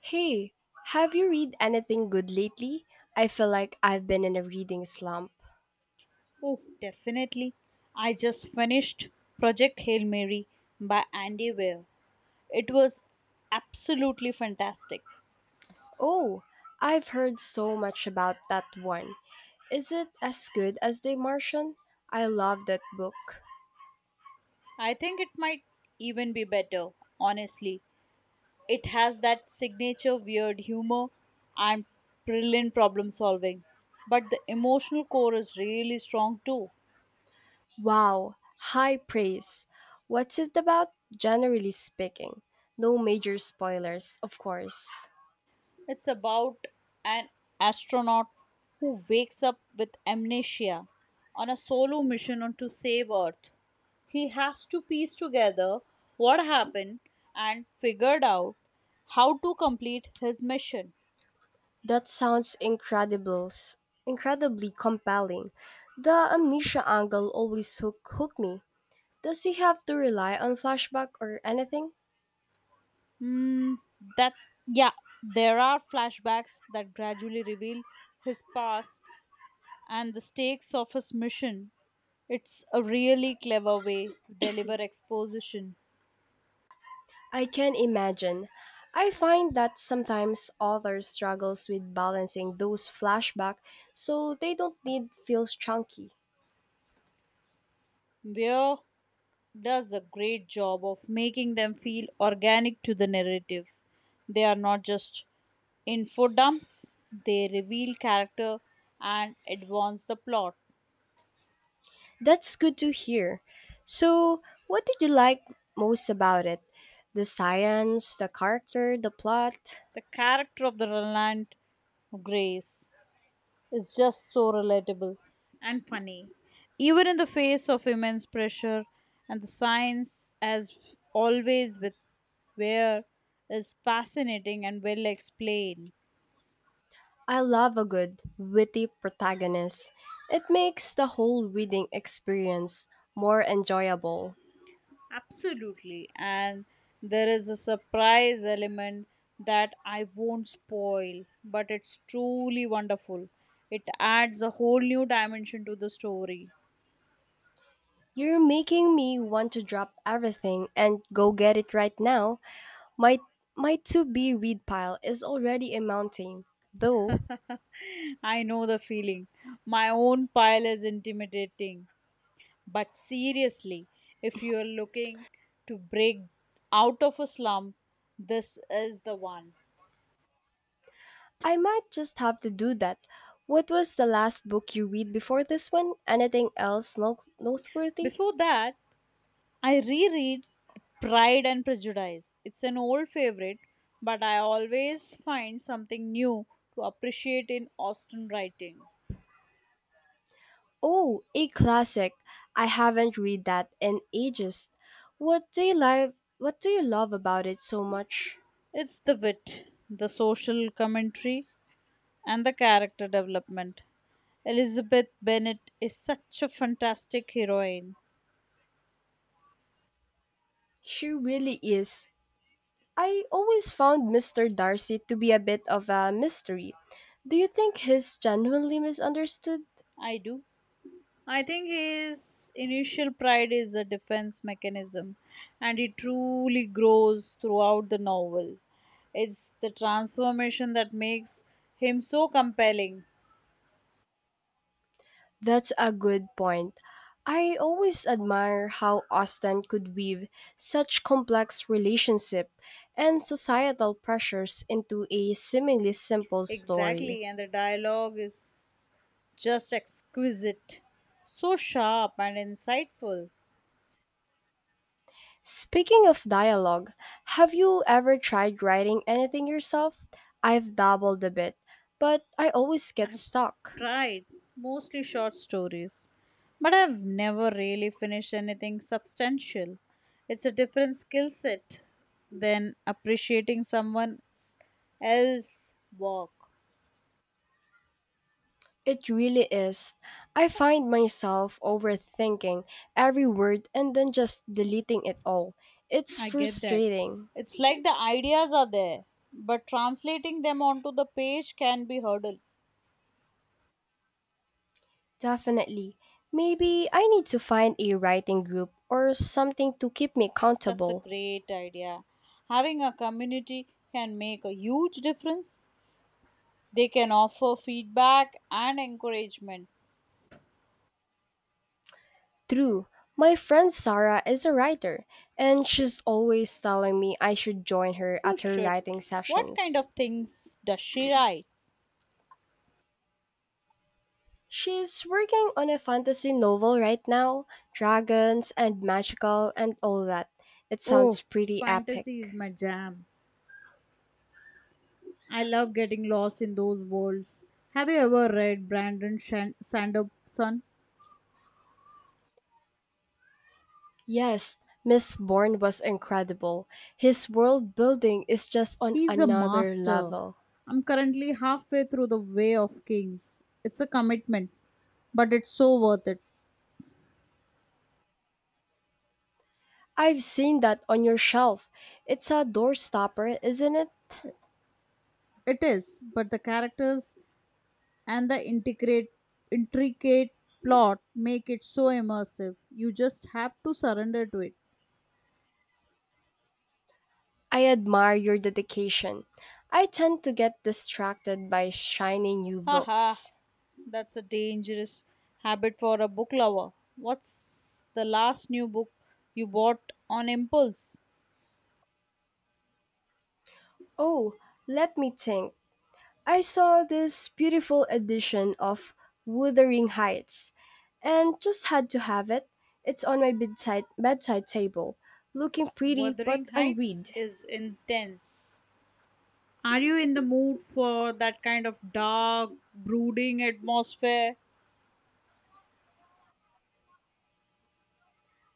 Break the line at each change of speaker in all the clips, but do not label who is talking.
Hey, have you read anything good lately? I feel like I've been in a reading slump.
Oh, definitely. I just finished Project Hail Mary by Andy Weir. It was absolutely fantastic.
Oh, I've heard so much about that one. Is it as good as The Martian? I love that book.
I think it might even be better, honestly. It has that signature weird humor and brilliant problem solving, but the emotional core is really strong too.
Wow, high praise. What's it about, generally speaking? No major spoilers, of course.
It's about an astronaut who wakes up with amnesia on a solo mission on to save Earth. He has to piece together what happened and figured out how to complete his mission.
That sounds incredible, incredibly compelling. The amnesia angle hooked me. Does he have to rely on flashback or anything?
Hmm, that yeah, there are flashbacks that gradually reveal his past and the stakes of his mission. It's a really clever way to deliver exposition
I can imagine. I find that sometimes authors struggles with balancing those flashback so they don't need feels chunky.
where does a great job of making them feel organic to the narrative. They are not just info dumps, they reveal character and advance the plot.
That's good to hear. So, what did you like most about it? The science, the character, the plot?
The character of the Roland Grace is just so relatable and funny. Even in the face of immense pressure and the science, as always with Ware, is fascinating and well explained.
I love a good, witty protagonist. It makes the whole reading experience more enjoyable.
Absolutely. And there is a surprise element that I won't spoil, but it's truly wonderful. It adds a whole new dimension to the story.
You're making me want to drop everything and go get it right now. My my to-be read pile is already a mountain. Though,
I know the feeling. My own pile is intimidating. But seriously, if you are looking to break out of a slump, this is the one.
I might just have to do that. What was the last book you read before this one? Anything else noteworthy?
Before that, I reread Pride and Prejudice. It's an old favorite, but I always find something new to appreciate in Austen writing.
Oh, a classic. I haven't read that in ages. What do you like what do you love about it so much?
It's the wit, the social commentary, and the character development. Elizabeth Bennet is such a fantastic heroine.
She really is. I always found Mr. Darcy to be a bit of a mystery. Do you think he's genuinely misunderstood?
I do. I think his initial pride is a defense mechanism, and it truly grows throughout the novel. It's the transformation that makes him so compelling.
That's a good point. I always admire how Austen could weave such complex relationship and societal pressures into a seemingly simple story.
Exactly, and the dialogue is just exquisite, so sharp and insightful.
Speaking of dialogue, have you ever tried writing anything yourself? I've dabbled a bit, but I always get
I've
stuck.
tried mostly short stories, but I've never really finished anything substantial. It's a different skill set than appreciating someone else's work.
It really is. I find myself overthinking every word and then just deleting it all. It's
I get that.
frustrating.
It's like the ideas are there, but translating them onto the page can be hurdle.
Definitely. Maybe I need to find a writing group or something to keep me
That's a
accountable.
great idea. Having a community can make a huge difference. They can offer feedback and encouragement.
True. My friend Sarah is a writer, and she's always telling me I should join her
You
at her
should.
writing
What kind
sessions.
of things does she write?
She's working on a fantasy novel right now, dragons and magical and all that. It sounds
Oh,
pretty epic.
fantasy is my jam. I love getting lost in those worlds. Have you ever read Sanderson?
Yes, Miss Bourne was incredible. His world building is just on
He's a
another
master.
level.
I'm currently halfway through The Way of Kings. It's a commitment, but it's so worth it.
I've seen that on your shelf. It's a doorstopper, isn't it?
It is, but the characters and intricate plot make it so immersive. You just have to surrender to it.
I admire your dedication. I tend to get distracted by shiny new
Haha,
books.
that's a dangerous habit for a book lover. What's the last new book you bought on impulse?
Oh, let me think. I saw this beautiful edition of Wuthering Heights and just had to have it. It's on my bedside table, looking pretty
Wuthering
but
Heights
unread.
is intense. Are you in the mood for that kind of dark, brooding atmosphere?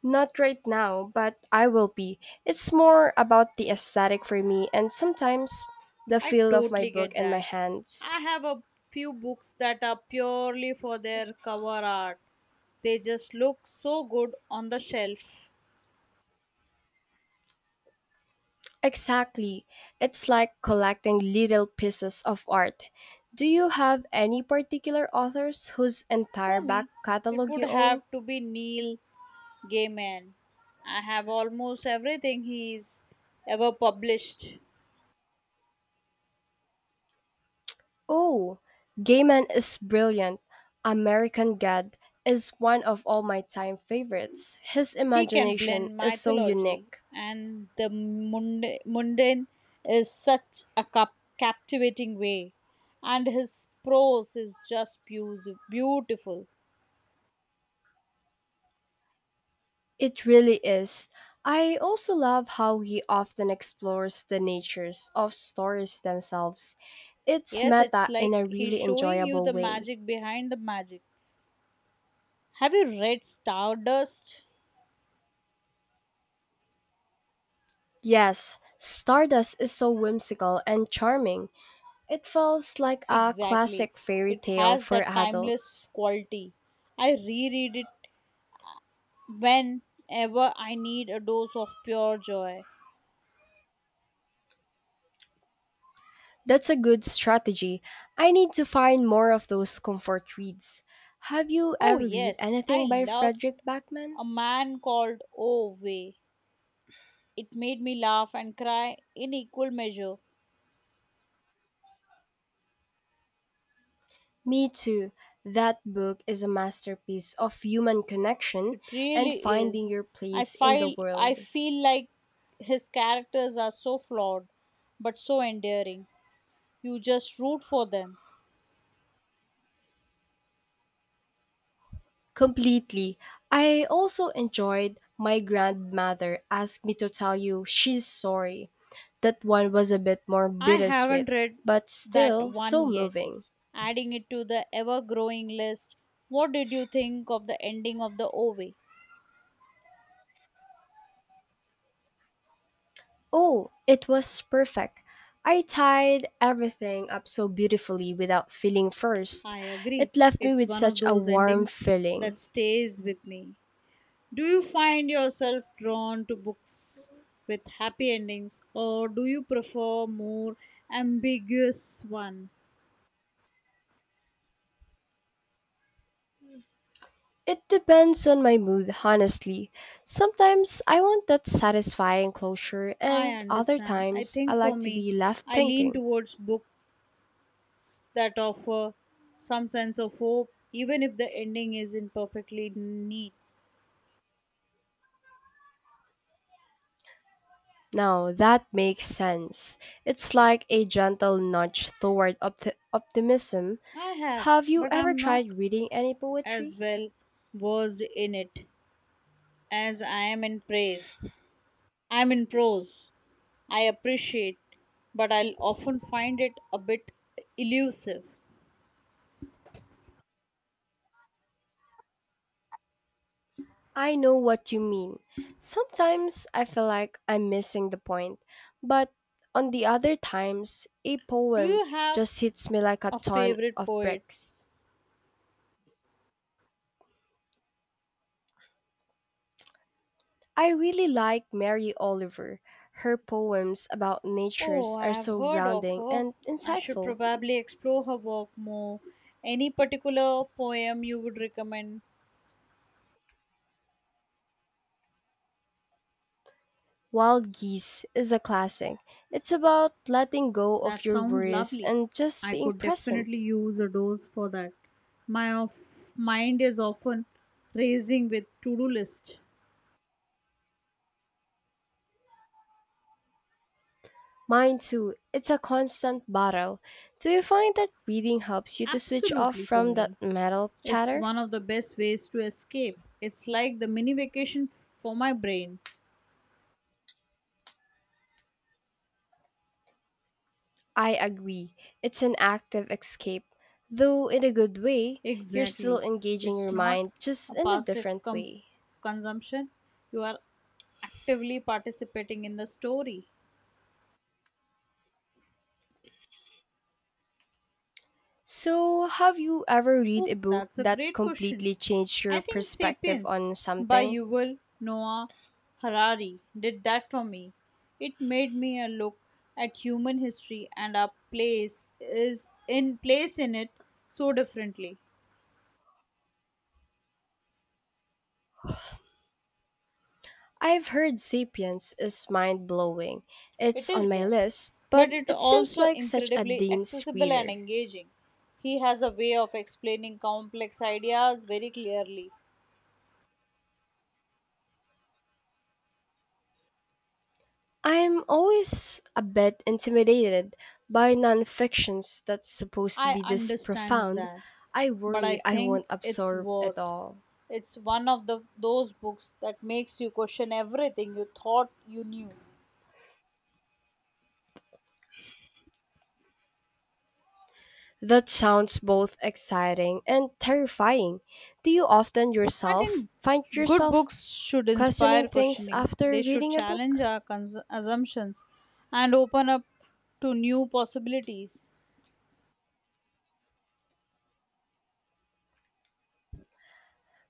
Not right now, but I will be. It's more about the aesthetic for me and sometimes the
I
feel of my
totally
book
get
in my
that.
hands.
I have a few books that are purely for their cover art. They just look so good on the shelf.
Exactly. It's like collecting little pieces of art. Do you have any particular authors whose entire
For
back
me, it
catalog
would
you own?
have to be Neil gay man. I have almost everything he's ever published.
Oh, Gaiman is brilliant. American God is one of all my time favorites. His
He can
imagination
blend
is so
mythology
unique.
and mundane is such a captivating way. And his prose is just beautiful.
It really is. I also love how he often explores the natures of stories themselves. It's
Yes, it's
meta in
like
a
he's
really
showing you
enjoyable
the
way.
magic behind the magic. Have you read Stardust?
Yes, Stardust is so whimsical and charming. It feels like a
Exactly.
classic fairy
It
tale
has
for
that timeless
adults.
quality. I reread it whenever I need a dose of pure joy.
That's a good strategy. I need to find more of those comfort reads. Have you
Oh,
ever read
yes, I
anything by
love
Frederick Backman?
A Man Called Ove. It made me laugh and cry in equal measure.
Me too. That book is a masterpiece of human connection
It
and
really
finding
is.
your
I
place in the
feel, I
world.
feel like his characters are so flawed but so endearing. You just root for them.
Completely. I also enjoyed My Grandmother Asked Me to Tell You She's Sorry. That one was a bit more
I
bittersweet,
haven't read
but
that
still
one
so
yet.
moving.
Adding it to the ever growing list, what did you think of the ending of the Ove?
Oh, it was perfect. I tied everything up so beautifully without feeling first.
I agree.
It left me
It's
with
one of
such a
those
warm
endings
feeling.
that stays with me. Do you find yourself drawn to books with happy endings or do you prefer more ambiguous one?
It depends on my mood, honestly. Sometimes I want that satisfying closure,
I
and other
understand. I
times I
think for
like to
me,
be left
I lean
thinking.
towards books that offer some sense of hope even if the ending isn't perfectly neat.
Now that makes sense. It's like a gentle nudge toward optimism.
I have,
Have you
but
ever
I'm
tried
not
reading any
as
poetry?
well versed in it as I am in praise. I'm in prose. I appreciate, but I'll often find it a bit elusive.
I know what you mean. Sometimes I feel like I'm missing the point, but on the other times, a
Do
poem
you have
just hits me like a
a
ton
favorite
of
poet?
bricks. I really like Mary Oliver. Her poems about
Oh,
natures are
I have
so
heard of
grounding
her.
and
I should
insightful.
probably explore her work more. Any particular poem you would recommend?
Wild Geese is a classic. It's about letting go of
That
your
sounds
worries
lovely.
and just
I
being
could
present.
definitely use a dose for that. Mind is often racing with to-do list.
Mine too. It's a constant battle. Do you find that reading helps you to switch off
Absolutely for
from that
me.
metal
It's
chatter?
one of the best ways to escape. It's like the mini vacation for my brain.
I agree. It's an active escape. Though in a good way, you're still
Exactly.
engaging
It's
your
not
mind just
a
in a
passive
different way.
consumption. You are actively participating in the story.
So, have you ever read a
Oh,
book
that's a
that
great question.
completely changed your
I think
perspective
Sapiens
on
by
something?
Yuval Noah Harari did that for me. It made me a look at human history and our place in it so differently.
I've heard Sapiens is mind blowing. It's
It
on
is
my
dense,
list,
but
but
it
it seems
also
like such a
incredibly
dense
accessible and
reader.
engaging. He has a way of explaining complex ideas very clearly.
I'm always a bit intimidated by nonfictions that's supposed to
I
be this
understand
profound.
that,
I
but I
worry I
think
won't
it's
absorb it
worth.
all.
It's one of the those books that makes you question everything you thought you knew.
That sounds both exciting and terrifying. Do you often
I
yourself
think
find
good
yourself
books should
questioning
inspire
things
questioning.
after
They should
reading a book?
challenge assumptions and open up to new possibilities.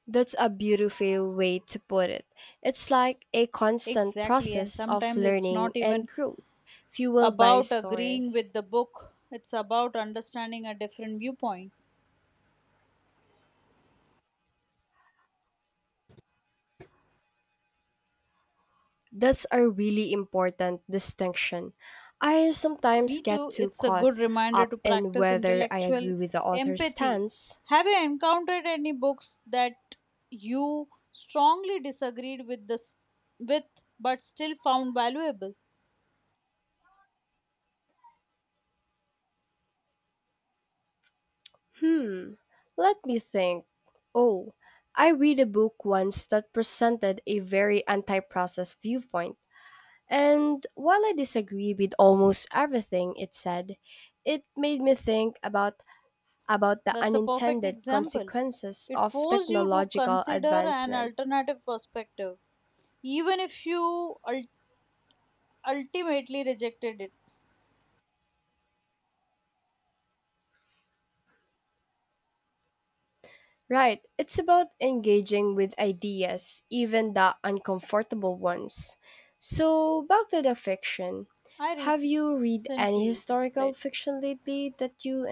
That's a beautiful way to put it. It's like a constant
Exactly, and
process of
sometimes it's
learning
not
and
even
growth, fueled by
about agreeing
stories.
with the book, it's about understanding a different viewpoint.
That's a really important distinction. I sometimes
Me
get
too,
too
it's a good
caught
reminder to
up in
practice
whether I agree
intellectual
with the author's
empathy.
stance.
Have you encountered any books that you strongly disagreed with but still found valuable?
Hmm, let me think. Oh, I read a book once that presented a very anti process viewpoint. And while I disagree with almost everything it said, it made me think about the
That's a perfect
unintended
example.
consequences
It
of
forced you to
technological
consider an
advancement.
alternative perspective even if you ultimately rejected it.
Right. It's about engaging with ideas, even the uncomfortable ones. So, back to the fiction.
I
Have you read any
recently
historical
read
fiction lately that you